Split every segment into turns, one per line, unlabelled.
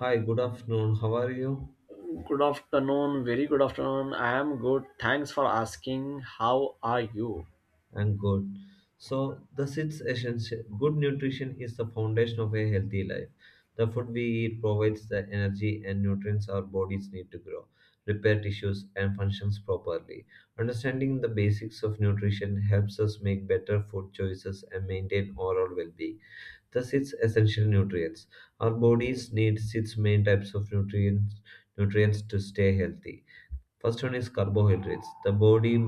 Hi, good afternoon. How are you?
Good afternoon, very good afternoon. I am good. Thanks for asking. How are you?
I'm good. So, the sixth essential good nutrition is the foundation of a healthy life. The food we eat provides the energy and nutrients our bodies need to grow, repair tissues, and functions properly. Understanding the basics of nutrition helps us make better food choices and maintain overall well being. Thus, its essential nutrients. Our bodies need six main types of nutrients to stay healthy. First one is carbohydrates. The body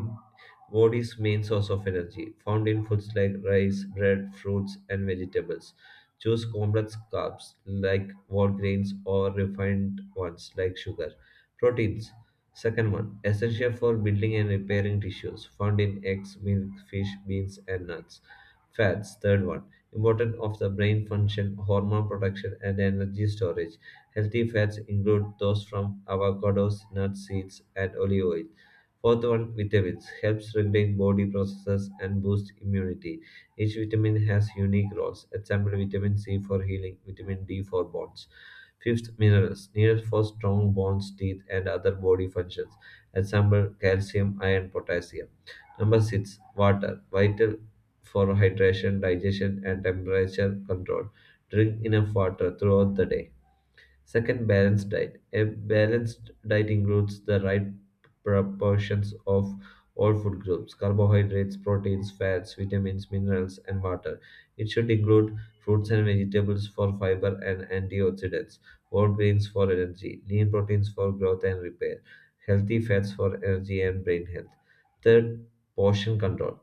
body's main source of energy, found in foods like rice, bread, fruits, and vegetables. Choose complex carbs like whole grains or refined ones like sugar. Proteins. Second one, essential for building and repairing tissues, found in eggs, milk, fish, beans, and nuts. Fats, third one, important of the brain function, hormone production, and energy storage. Healthy fats include those from avocados, nuts, seeds, and olive oil. Fourth one, vitamins, helps regulate body processes and boost immunity. Each vitamin has unique roles. Example, vitamin C for healing, vitamin D for bonds. Fifth, minerals needed for strong bones, teeth, and other body functions. Example, calcium, iron, potassium. Number six, water, vital for hydration, digestion, and temperature control. Drink enough water throughout the day. Second, balanced diet. A balanced diet includes the right proportions of all food groups carbohydrates, proteins, fats, vitamins, minerals, and water. It should include fruits and vegetables for fiber and antioxidants, whole grains for energy, lean proteins for growth and repair, healthy fats for energy and brain health. Third, portion control.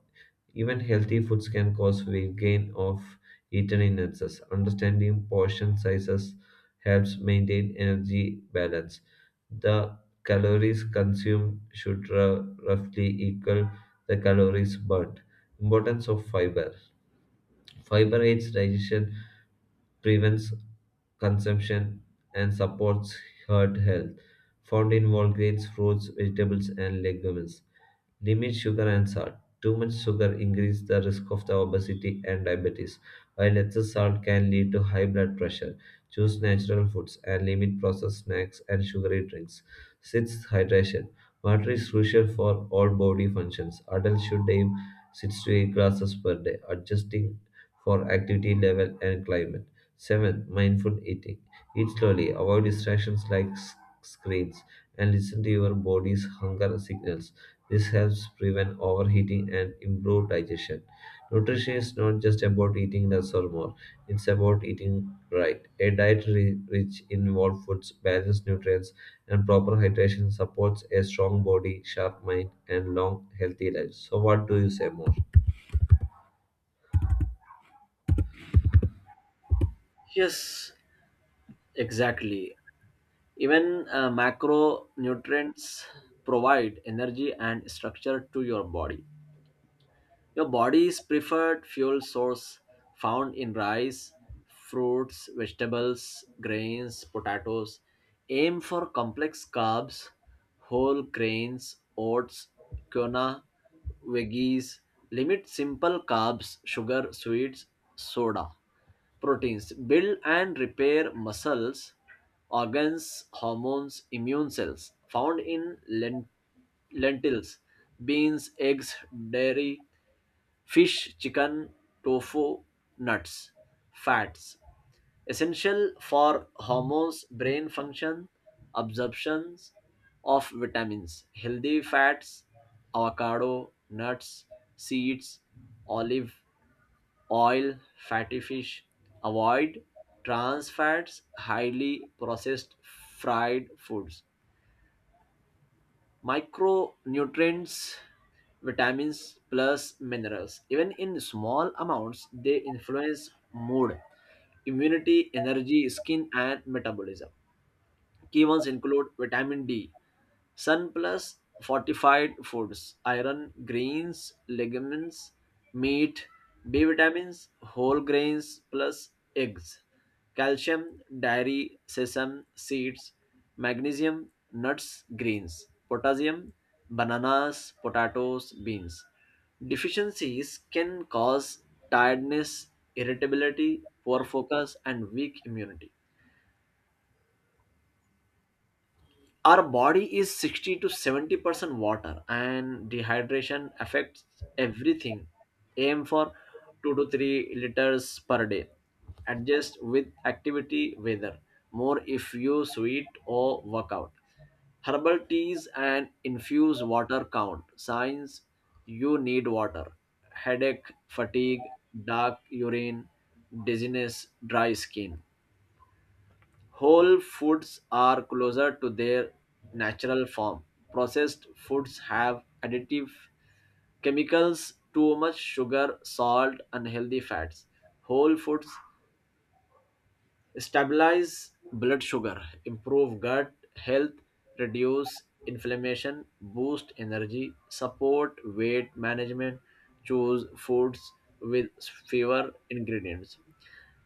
Even healthy foods can cause weight gain of eaten in excess. Understanding portion sizes helps maintain energy balance. The calories consumed should roughly equal the calories burnt. Importance of fiber. Fiber aids digestion, prevents consumption, and supports heart health. Found in whole grains, fruits, vegetables, and legumes. Limit sugar and salt. Too much sugar increases the risk of the obesity and diabetes, while excess salt can lead to high blood pressure. Choose natural foods and limit processed snacks and sugary drinks. 6. Hydration. Water is crucial for all body functions. Adults should aim 6 to 8 glasses per day. Adjusting for activity level and climate. 7. Mindful eating. Eat slowly, avoid distractions like screens, and listen to your body's hunger signals. This helps prevent overheating and improve digestion. Nutrition is not just about eating less or more, it's about eating right. A diet rich in whole foods, balanced nutrients, and proper hydration supports a strong body, sharp mind, and long, healthy life. So, what do you say more?
Yes, exactly. Even macronutrients provide energy and structure to your body. Your body's preferred fuel source found in rice, fruits, vegetables, grains, potatoes. Aim for complex carbs, whole grains, oats, quinoa, veggies. Limit simple carbs, sugar, sweets, soda. Proteins. Build and repair muscles, organs, hormones, immune cells. Found in lentils, beans, eggs, dairy. Fish, chicken, tofu, nuts, fats. Essential for hormones, brain function, absorptions of vitamins. Healthy fats, avocado, nuts, seeds, olive oil, fatty fish. Avoid trans fats, highly processed fried foods. Micronutrients, vitamins, plus minerals, even in small amounts, they influence mood, immunity, energy, skin, and metabolism. Key ones include vitamin D. Sun plus fortified foods, iron, grains, legumes, meat, B vitamins, whole grains plus eggs, calcium, dairy, sesame seeds, magnesium, nuts, greens, potassium, bananas, potatoes, beans. Deficiencies can cause tiredness, irritability, poor focus, and weak immunity. Our body is 60 to 70% water, and dehydration affects everything. Aim for 2 to 3 liters per day, adjust with activity, weather, more if you sweat or workout. Herbal teas and infused water count. Signs you need water: headache, fatigue, dark urine, dizziness, dry skin. Whole foods are closer to their natural form. Processed foods have additive chemicals, too much sugar, salt, unhealthy fats. Whole foods stabilize blood sugar, improve gut health, reduce inflammation, boost energy, support weight management. Choose foods with fewer ingredients.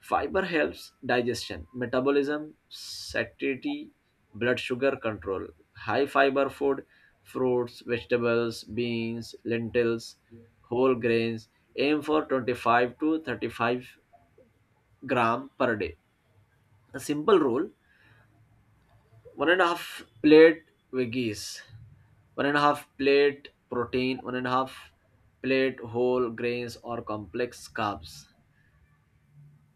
Fiber helps digestion, metabolism, satiety, blood sugar control. High fiber food: fruits, vegetables, beans, lentils, whole grains. Aim for 25 to 35 gram per day. A simple rule: one and a half plate veggies, one and a half plate protein, one and a half plate whole grains or complex carbs.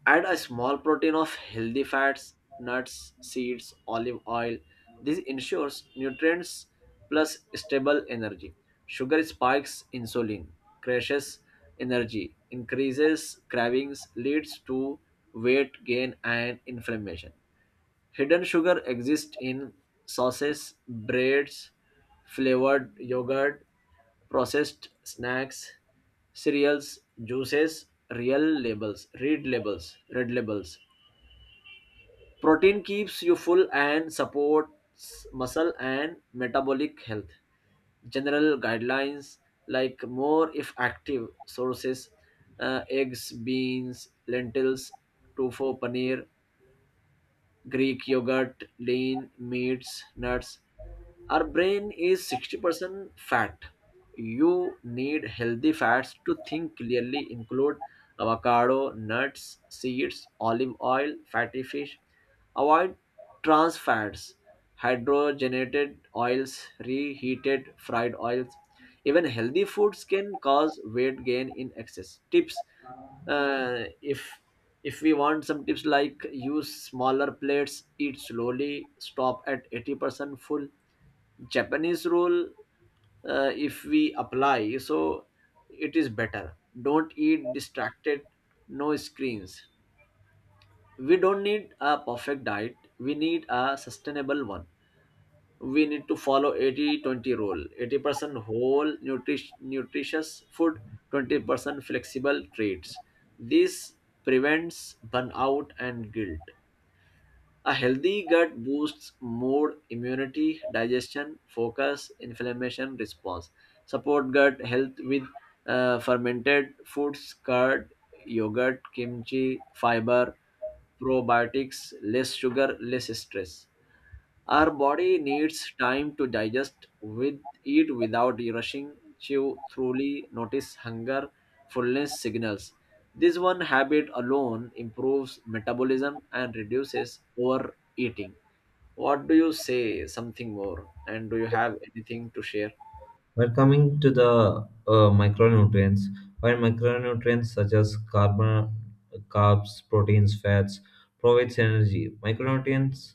Add a small protein of healthy fats, nuts, seeds, olive oil. This ensures nutrients plus stable energy. Sugar spikes insulin, crashes energy, increases cravings, leads to weight gain and inflammation. Hidden sugar exists in sauces, breads, flavored yogurt, processed snacks, cereals, juices. Real labels, read labels, red labels. Protein keeps you full and supports muscle and metabolic health. General guidelines, like more if active. Sources eggs, beans, lentils, tofu, paneer, Greek yogurt, lean meats, nuts. Our brain is 60% fat. You need healthy fats to think clearly. Include avocado, nuts, seeds, olive oil, fatty fish. Avoid trans fats, hydrogenated oils, reheated fried oils. Even healthy foods can cause weight gain in excess. Tips, uh, if if we want some tips, like use smaller plates, eat slowly, stop at 80% full, japanese rule. If we apply, so it is better. Don't eat distracted, no screens. We don't need a perfect diet, we need a sustainable one. We need to follow 80-20 rule, 80% whole nutritious food, 20% flexible treats. This prevents burnout and guilt. A healthy gut boosts mood, immunity, digestion, focus, inflammation response. Support gut health with fermented foods, curd, yogurt, kimchi, fiber, probiotics, less sugar, less stress. Our body needs time to digest. With eat without rushing, chew thoroughly, notice hunger, fullness signals. This one habit alone improves metabolism and reduces overeating. What do you say? Something more? And do you have anything to share?
We're coming to the micronutrients. While micronutrients such as carbon, carbs, proteins, fats provides energy, micronutrients,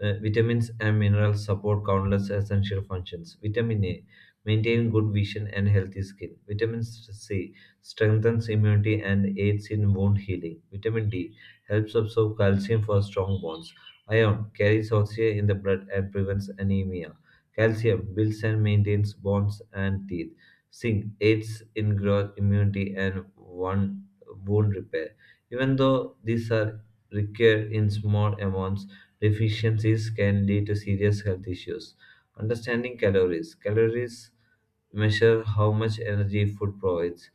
vitamins, and minerals support countless essential functions. Vitamin A maintain good vision and healthy skin. Vitamin C strengthens immunity and aids in wound healing. Vitamin D helps absorb calcium for strong bones. Iron carries oxygen in the blood and prevents anemia. Calcium builds and maintains bones and teeth. Zinc aids in growth, immunity, and wound repair. Even though these are required in small amounts, deficiencies can lead to serious health issues. Understanding calories. Calories measure how much energy food provides.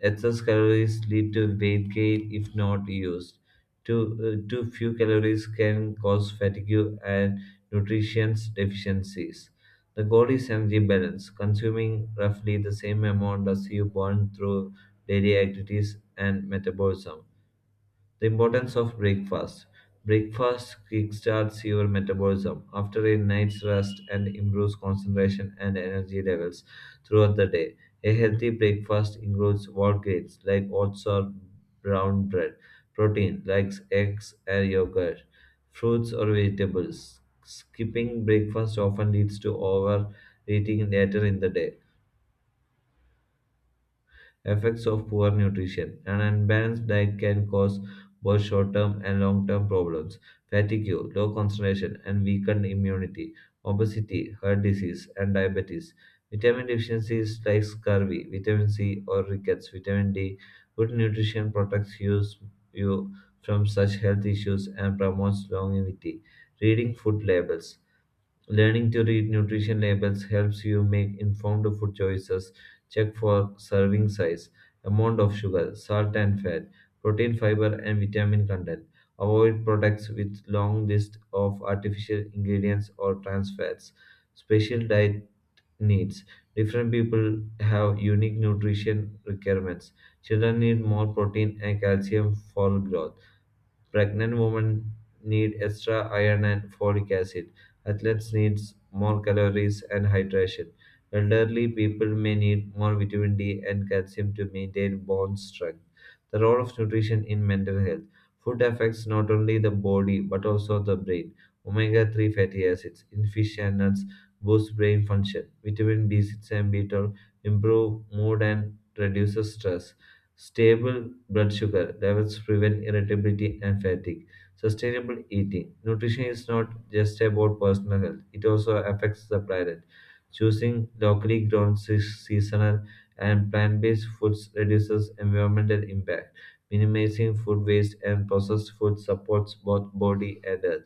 Excess calories lead to weight gain if not used. Too few calories can cause fatigue and nutrition deficiencies. The goal is energy balance, consuming roughly the same amount as you burn through daily activities and metabolism. The importance of breakfast. Breakfast kickstarts your metabolism after a night's rest and improves concentration and energy levels throughout the day. A healthy breakfast includes whole grains like oats or brown bread, protein like eggs and yogurt, fruits or vegetables. Skipping breakfast often leads to overeating later in the day effects of poor nutrition. An unbalanced diet can cause both short term and long term problems fatigue, low concentration, and weakened immunity, obesity, heart disease, and diabetes. Vitamin deficiencies like scurvy, vitamin C, or rickets, vitamin D. Good nutrition protects you from such health issues and promotes longevity. Reading food labels. Learning to read nutrition labels helps you make informed food choices. Check for serving size, amount of sugar, salt and fat, protein, fiber, and vitamin content. Avoid products with long list of artificial ingredients or trans fats. Special diet needs. Different people have unique nutrition requirements. Children need more protein and calcium for growth. Pregnant women need extra iron and folic acid. Athletes need more calories and hydration. Elderly people may need more vitamin D and calcium to maintain bone strength. The role of nutrition in mental health. Food affects not only the body but also the brain. Omega 3 fatty acids in fish and nuts boost brain function. Vitamin B6 and B12 improve mood and reduces stress. Stable blood sugar levels prevent irritability and fatigue. Sustainable eating. Nutrition is not just about personal health, it also affects the planet. Choosing locally grown, seasonal, and plant based foods reduces environmental impact. Minimizing food waste and processed food supports both body and health.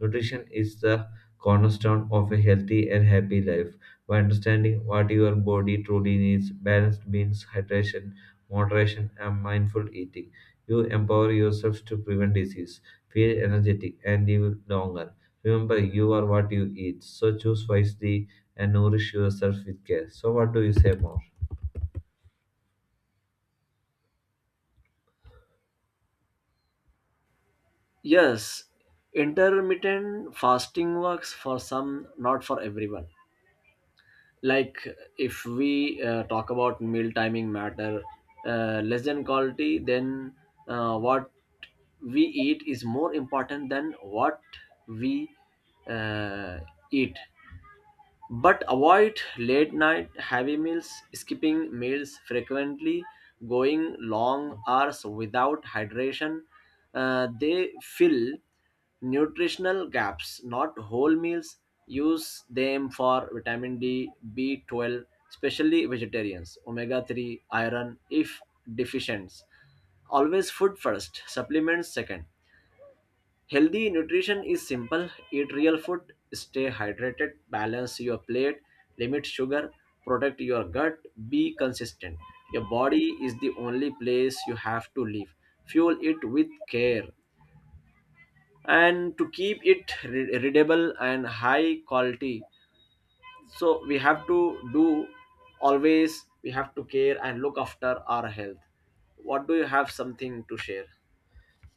Nutrition is the cornerstone of a healthy and happy life by understanding what your body truly needs, balanced means, hydration moderation, and mindful eating. You empower yourself to prevent disease, feel energetic, and live longer. Remember, you are what you eat, so choose wisely and nourish yourself with care. So, what do you say more?
Yes, intermittent fasting works for some, not for everyone. Like, if we talk about meal timing matter less than quality, then what we eat is more important than what we uh, eat. But avoid late night heavy meals, skipping meals frequently, going long hours without hydration. They fill nutritional gaps, not whole meals. Use them for vitamin D, B12, especially vegetarians, omega 3, iron if deficient. Always food first, supplements second. Healthy nutrition is simple. Eat real food, stay hydrated, balance your plate, limit sugar, protect your gut, be consistent. Your body is the only place you have to live. Fuel it with care and to keep it readable and high quality. So we have to do, always we have to care and look after our health. What do you have, something to share?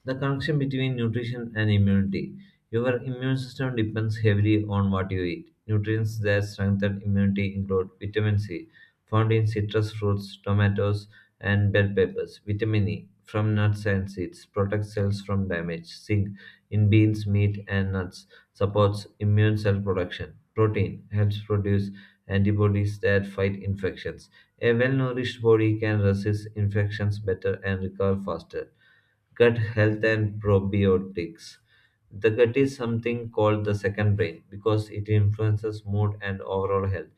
The connection between nutrition and immunity. Your immune system depends heavily on what you eat. Nutrients that strengthen immunity include vitamin C, found in citrus fruits, tomatoes, and bell peppers, vitamin E, from nuts and seeds, protects cells from damage, zinc, in beans, meat, and nuts supports immune cell production. Protein helps produce antibodies that fight infections. A well nourished body can resist infections better and recover faster. Gut health and probiotics. The gut is something called the second brain because it influences mood and overall health.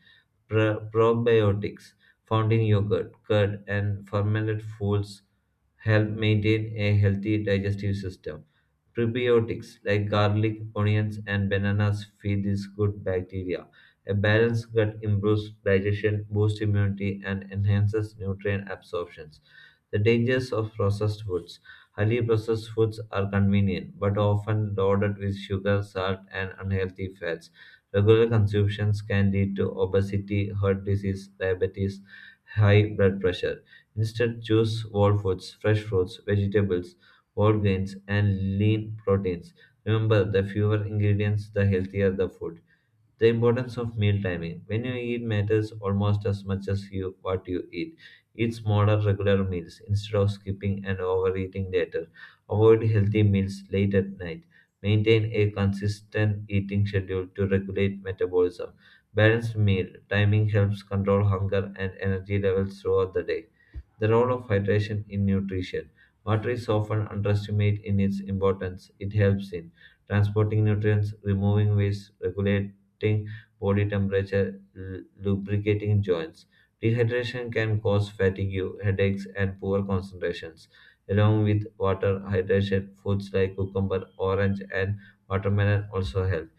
Probiotics found in yogurt, curd, and fermented foods help maintain a healthy digestive system. Prebiotics like garlic, onions, and bananas feed these good bacteria. A balanced gut improves digestion, boosts immunity, and enhances nutrient absorptions. The dangers of processed foods. Highly processed foods are convenient, but often loaded with sugar, salt, and unhealthy fats. Regular consumptions can lead to obesity, heart disease, diabetes, high blood pressure. Instead, choose whole foods, fresh fruits, vegetables, whole grains, and lean proteins. Remember, the fewer ingredients, the healthier the food. The importance of meal timing. When you eat matters almost as much as you what you eat. Eat smaller regular meals instead of skipping and overeating later. Avoid healthy meals late at night. Maintain a consistent eating schedule to regulate metabolism. Balanced meal timing helps control hunger and energy levels throughout the day. The role of hydration in nutrition. Water is often underestimated in its importance. It helps in transporting nutrients, removing waste, regulate affecting body temperature, lubricating joints. Dehydration can cause fatigue, headaches, and poor concentrations. Along with water, hydration, foods like cucumber, orange, and watermelon also help.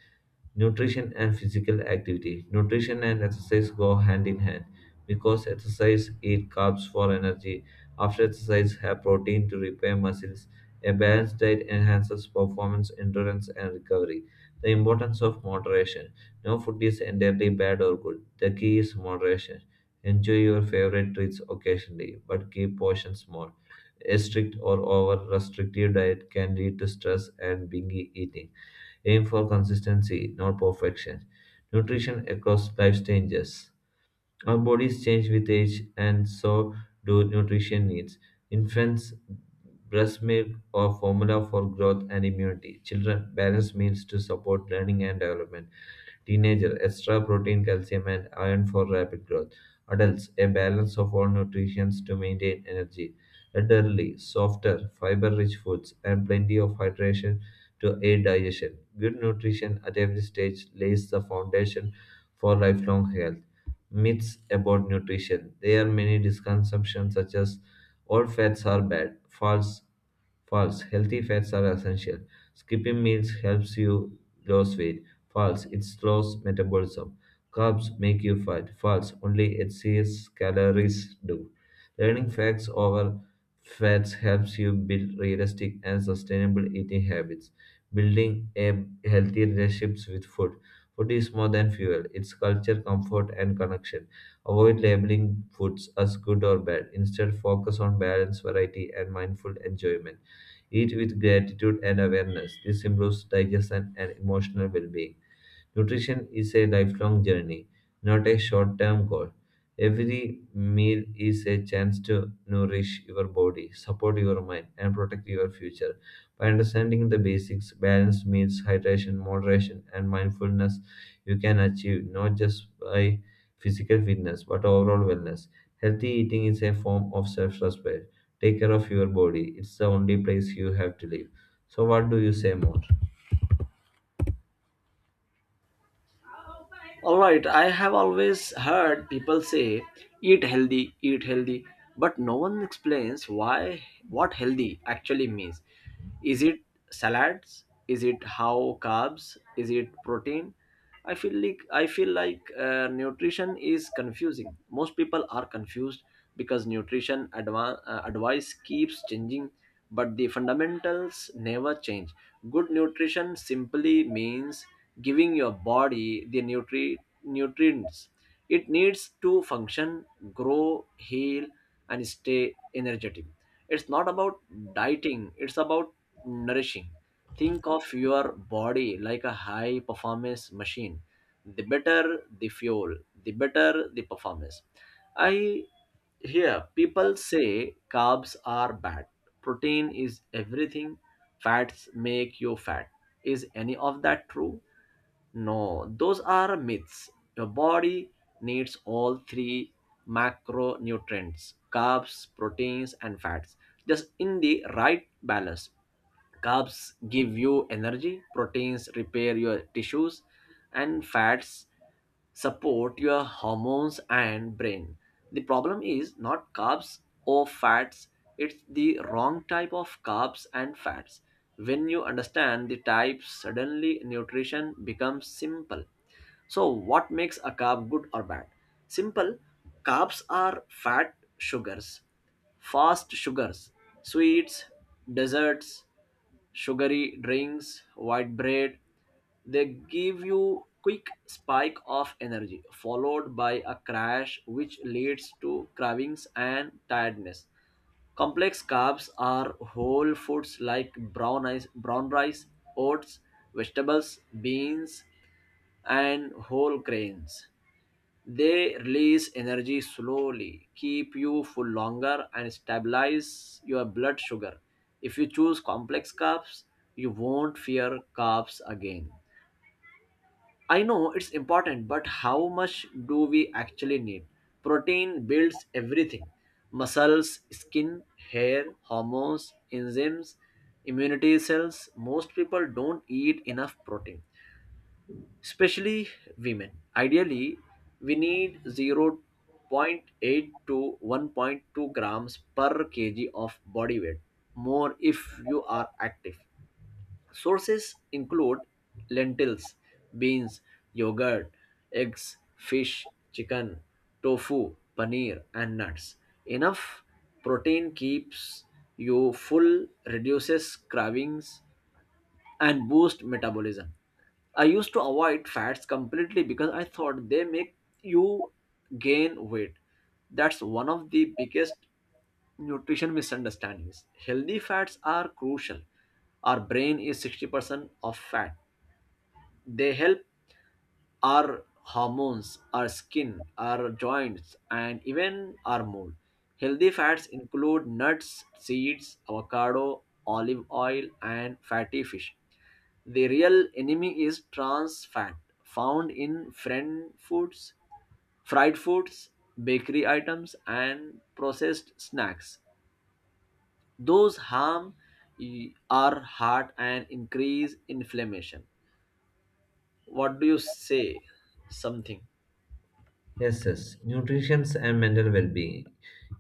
Nutrition and physical activity. Nutrition and exercise go hand in hand because exercise eat carbs for energy. After exercise, have protein to repair muscles. A balanced diet enhances performance, endurance, and recovery. The importance of moderation. No food is entirely bad or good. The key is moderation. Enjoy your favorite treats occasionally, but keep portions small. A strict or over restrictive diet can lead to stress and binge eating. Aim for consistency, not perfection. Nutrition across life stages. Our bodies change with age, and so do nutrition needs. Infants, breast milk or formula for growth and immunity. Children, balanced meals to support learning and development. Teenager, extra protein, calcium, and iron for rapid growth. Adults, a balance of all nutrients to maintain energy. Elderly, softer, fiber rich foods, and plenty of hydration to aid digestion. Good nutrition at every stage lays the foundation for lifelong health. Myths about nutrition. There are many misconceptions such as all fats are bad. False. Healthy fats are essential. Skipping meals helps you lose weight. False. It slows metabolism. Carbs make you fat. False. Only excess calories do. Learning facts over fats helps you build realistic and sustainable eating habits building a healthy relationships with food. Food is more than fuel. It's culture, comfort, and connection. Avoid labeling foods as good or bad. Instead, focus on balance, variety, and mindful enjoyment. Eat with gratitude and awareness. This improves digestion and emotional well-being. Nutrition is a lifelong journey, not a short term goal. Every meal is a chance to nourish your body, support your mind, and protect your future. By understanding the basics, balanced meals, hydration, moderation, and mindfulness, you can achieve not just by physical fitness but overall wellness. Healthy eating is a form of self respect. Take care of your body, it's the only place you have to live. So, what do you say more?
All right, I have always heard people say eat healthy, but no one explains why, what healthy actually means. Is it salads? Is it how carbs? Is it protein? I feel like nutrition is confusing. Most people are confused because nutrition advice keeps changing, but the fundamentals never change. Good nutrition simply means giving your body the nutrients it needs to function, grow, heal, and stay energetic. It's not about dieting, it's about nourishing. Think of your body like a high performance machine. The better the fuel, the better the performance. I hear people say carbs are bad, protein is everything, fats make you fat. Is any of that true? No, those are myths. Your body needs all three macronutrients: carbs, proteins, and fats, just in the right balance. Carbs give you energy, proteins repair your tissues, and fats support your hormones and brain. The problem is not carbs or fats, it's the wrong type of carbs and fats. When you understand the types, suddenly nutrition becomes simple. So, what makes a carb good or bad? Simple carbs are fat sugars, fast sugars, sweets, desserts, sugary drinks, white bread. They give you quick spike of energy followed by a crash, which leads to cravings and tiredness. Complex carbs are whole foods like brown rice, oats, vegetables, beans and whole grains. They release energy slowly, keep you full longer and stabilize your blood sugar. If you choose complex carbs, you won't fear carbs again. I know it's important, but how much do we actually need? Protein builds everything: muscles, skin, hair, hormones, enzymes, immunity cells. Most people don't eat enough protein, especially women. Ideally, we need zero point 0.8 to 1.2 grams per kg of body weight, more if you are active. Sources include lentils, beans, yogurt, eggs, fish, chicken, tofu, paneer, and nuts. Enough protein keeps you full, reduces cravings, and boosts metabolism. I used to avoid fats completely because I thought they make you gain weight. That's one of the biggest nutrition misunderstandings. Healthy fats are crucial. Our brain is 60% of fat. They help our hormones, our skin, our joints, and even our mood. Healthy fats include nuts, seeds, avocado, olive oil, and fatty fish. The real enemy is trans fat found in fried foods, bakery items, and processed snacks. Those harm our heart and increase inflammation. What do you say? Something.
Yes, yes. Nutrition and mental well being.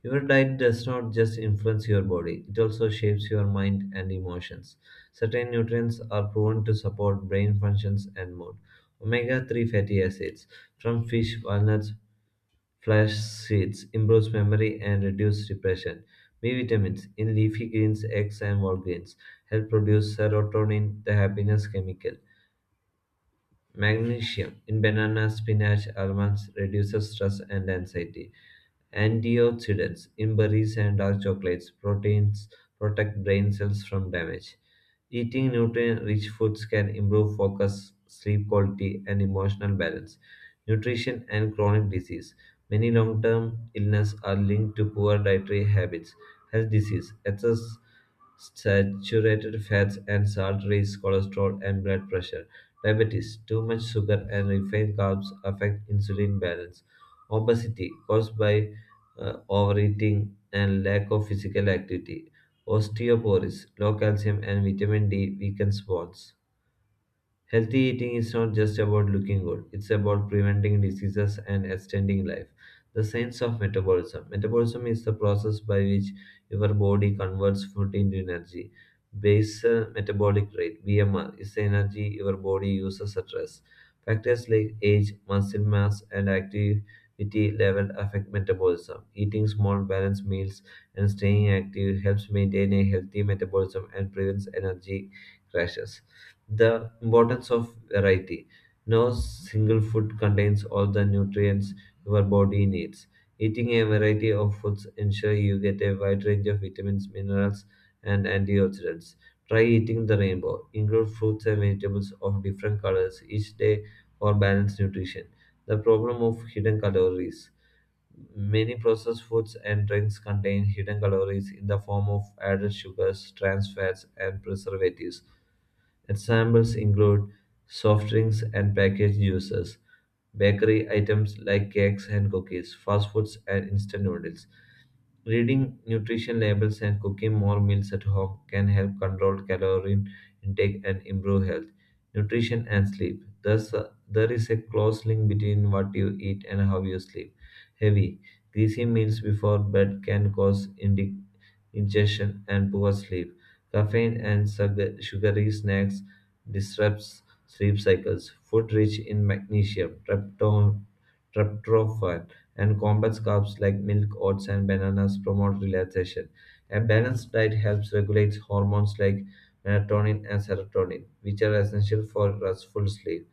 Your diet does not just influence your body, it also shapes your mind and emotions. Certain nutrients are proven to support brain functions and mood. Omega 3 fatty acids from fish, walnuts, flax seeds improves memory and reduce depression. B vitamins in leafy greens, eggs, and whole grains help produce serotonin, the happiness chemical. Magnesium in bananas, spinach, almonds reduces stress and anxiety. Antioxidants in berries and dark chocolates, proteins protect brain cells from damage. Eating nutrient-rich foods can improve focus, sleep quality, and emotional balance. Nutrition and chronic disease. Many long-term illnesses are linked to poor dietary habits. Health disease, excess saturated fats and salt raise cholesterol and blood pressure. Diabetes, too much sugar and refined carbs affect insulin balance. Obesity, caused by overeating and lack of physical activity. Osteoporosis, low calcium and vitamin D weakens bones. Healthy eating is not just about looking good, it's about preventing diseases and extending life. The science of metabolism. Metabolism is the process by which your body converts food into energy. Basal metabolic rate (BMR) is the energy your body uses at rest. Factors like age, muscle mass, and activity level affect metabolism. Eating small, balanced meals and staying active helps maintain a healthy metabolism and prevents energy crashes. The importance of variety. No single food contains all the nutrients your body needs. Eating a variety of foods ensures you get a wide range of vitamins, minerals, and antioxidants. Try eating the rainbow. Include fruits and vegetables of different colors each day for balanced nutrition. The problem of hidden calories. Many processed foods and drinks contain hidden calories in the form of added sugars, trans fats, and preservatives. Examples include soft drinks and packaged juices, bakery items like cakes and cookies, fast foods and instant noodles. Reading nutrition labels and cooking more meals at home can help control calorie intake and improve health, nutrition, and sleep. Thus, there is a close link between what you eat and how you sleep. Heavy, greasy meals before bed can cause indigestion and poor sleep. Caffeine and sugary snacks disrupts sleep cycles. Food rich in magnesium, tryptophan, and complex carbs like milk, oats, and bananas promote relaxation. A balanced diet helps regulate hormones like melatonin and serotonin, which are essential for restful sleep.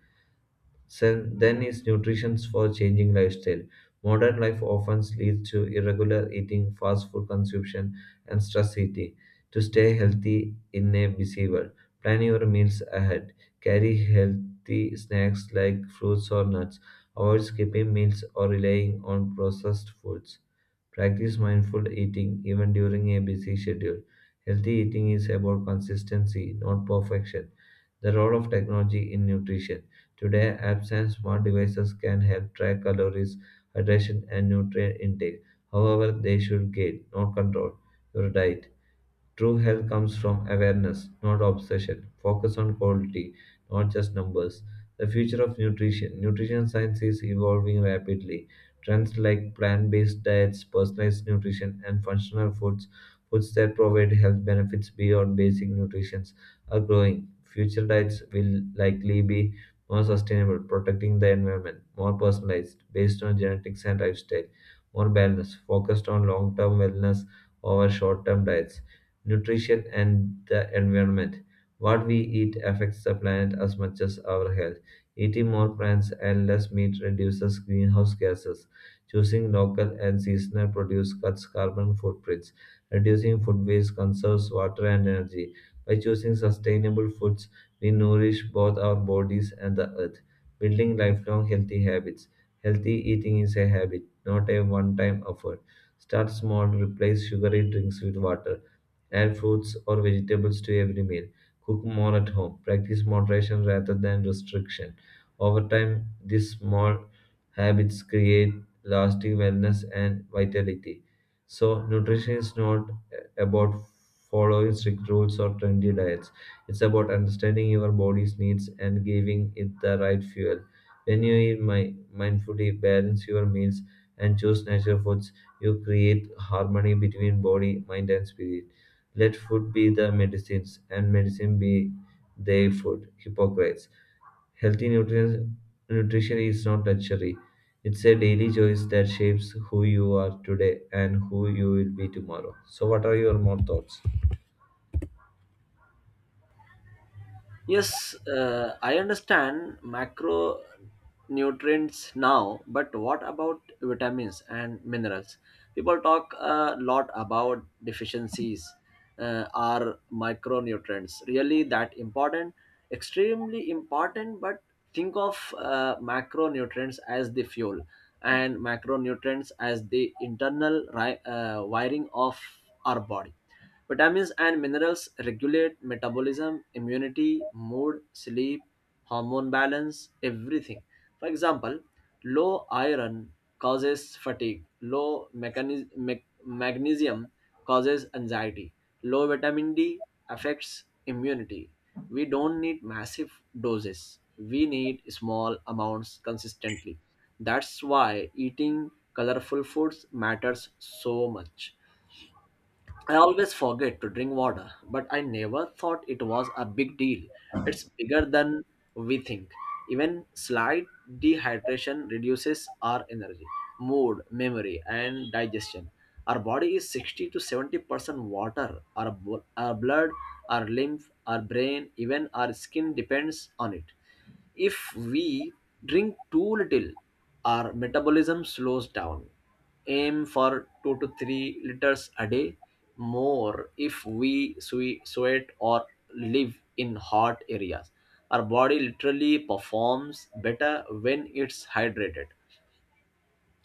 Then is nutrition for changing lifestyle. Modern life often leads to irregular eating, fast food consumption, and stress eating. To stay healthy in a busy world, plan your meals ahead. Carry healthy snacks like fruits or nuts. Avoid skipping meals or relying on processed foods. Practice mindful eating even during a busy schedule. Healthy eating is about consistency, not perfection. The role of technology in nutrition. Today, apps and smart devices can help track calories, hydration, and nutrient intake. However, they should guide, not control, your diet. True health comes from awareness, not obsession. Focus on quality, not just numbers. The future of nutrition. Nutrition science is evolving rapidly. Trends like plant based diets, personalized nutrition, and functional foods, foods that provide health benefits beyond basic nutrition, are growing. Future diets will likely be more sustainable, protecting the environment, more personalized, based on genetics and lifestyle, more balanced, focused on long term wellness over short term diets nutrition, and the environment. What we eat affects the planet as much as our health. Eating more plants and less meat reduces greenhouse gases. Choosing local and seasonal produce cuts carbon footprints. Reducing food waste conserves water and energy. By choosing sustainable foods, we nourish both our bodies and the earth. Building lifelong healthy habits. Healthy eating is a habit, not a one time effort. Start small, replace sugary drinks with water. Add fruits or vegetables to every meal. Cook more at home. Practice moderation rather than restriction. Over time, these small habits create lasting wellness and vitality. So, nutrition is not about following strict rules or trendy diets. It's about understanding your body's needs and giving it the right fuel. When you eat mindfully, balance your meals, and choose natural foods, you create harmony between body, mind, and spirit. Let food be the medicines, and medicine be thy food. Hippocrates. Healthy nutrition is not luxury. It's a daily choice that shapes who you are today and who you will be tomorrow. So, what are your more thoughts?
Yes, I understand macronutrients now, but what about vitamins and minerals? People talk a lot about deficiencies. Are micronutrients really that important? Extremely important. But think of macronutrients as the fuel and macronutrients as the internal wiring of our body. Vitamins and minerals regulate metabolism, immunity, mood, sleep, hormone balance, everything. For example, low iron causes fatigue, low magnesium causes anxiety, low vitamin D affects immunity. We don't need massive doses, we need small amounts consistently. That's why eating colorful foods matters so much. I always forget to drink water, but I never thought it was a big deal. It's bigger than we think. Even slight dehydration reduces our energy, mood, memory, and digestion. Our body is 60 to 70% water. Our blood, our lymph, our brain, even our skin depends on it. If we drink too little, our metabolism slows down. Aim for 2 to 3 liters a day, more if we sweat or live in hot areas. Our body literally performs better when it's hydrated.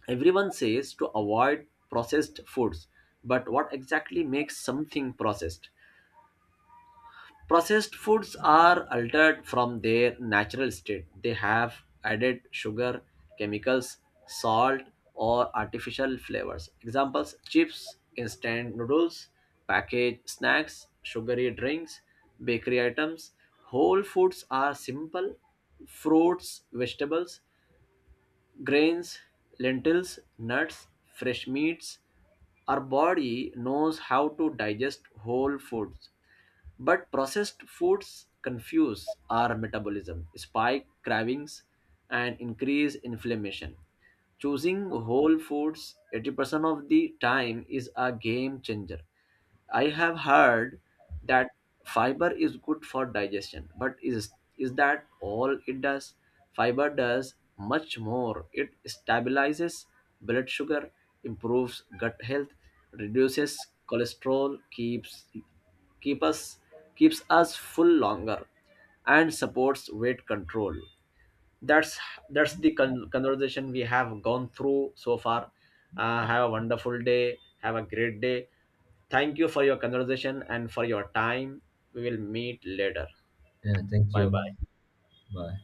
Everyone says to avoid processed foods, but what exactly makes something processed? Processed foods are altered from their natural state. They have added sugar, chemicals, salt, or artificial flavors. Examples: chips, instant noodles, packaged snacks, sugary drinks, bakery items. Whole foods are simple: fruits, vegetables, grains, lentils, nuts, fresh meats. Our body knows how to digest whole foods, but processed foods confuse our metabolism, spike cravings, and increase inflammation. Choosing whole foods 80% of the time is a game changer. I have heard that fiber is good for digestion, but is that all it does? Fiber does much more. It stabilizes blood sugar, improves gut health, reduces cholesterol, keep us keeps us full longer and supports weight control. That's the conversation we have gone through so far. Have a wonderful day, have a great day. Thank you for your conversation and for your time. We will meet later.
Yeah, thank
Bye bye.
you. Bye.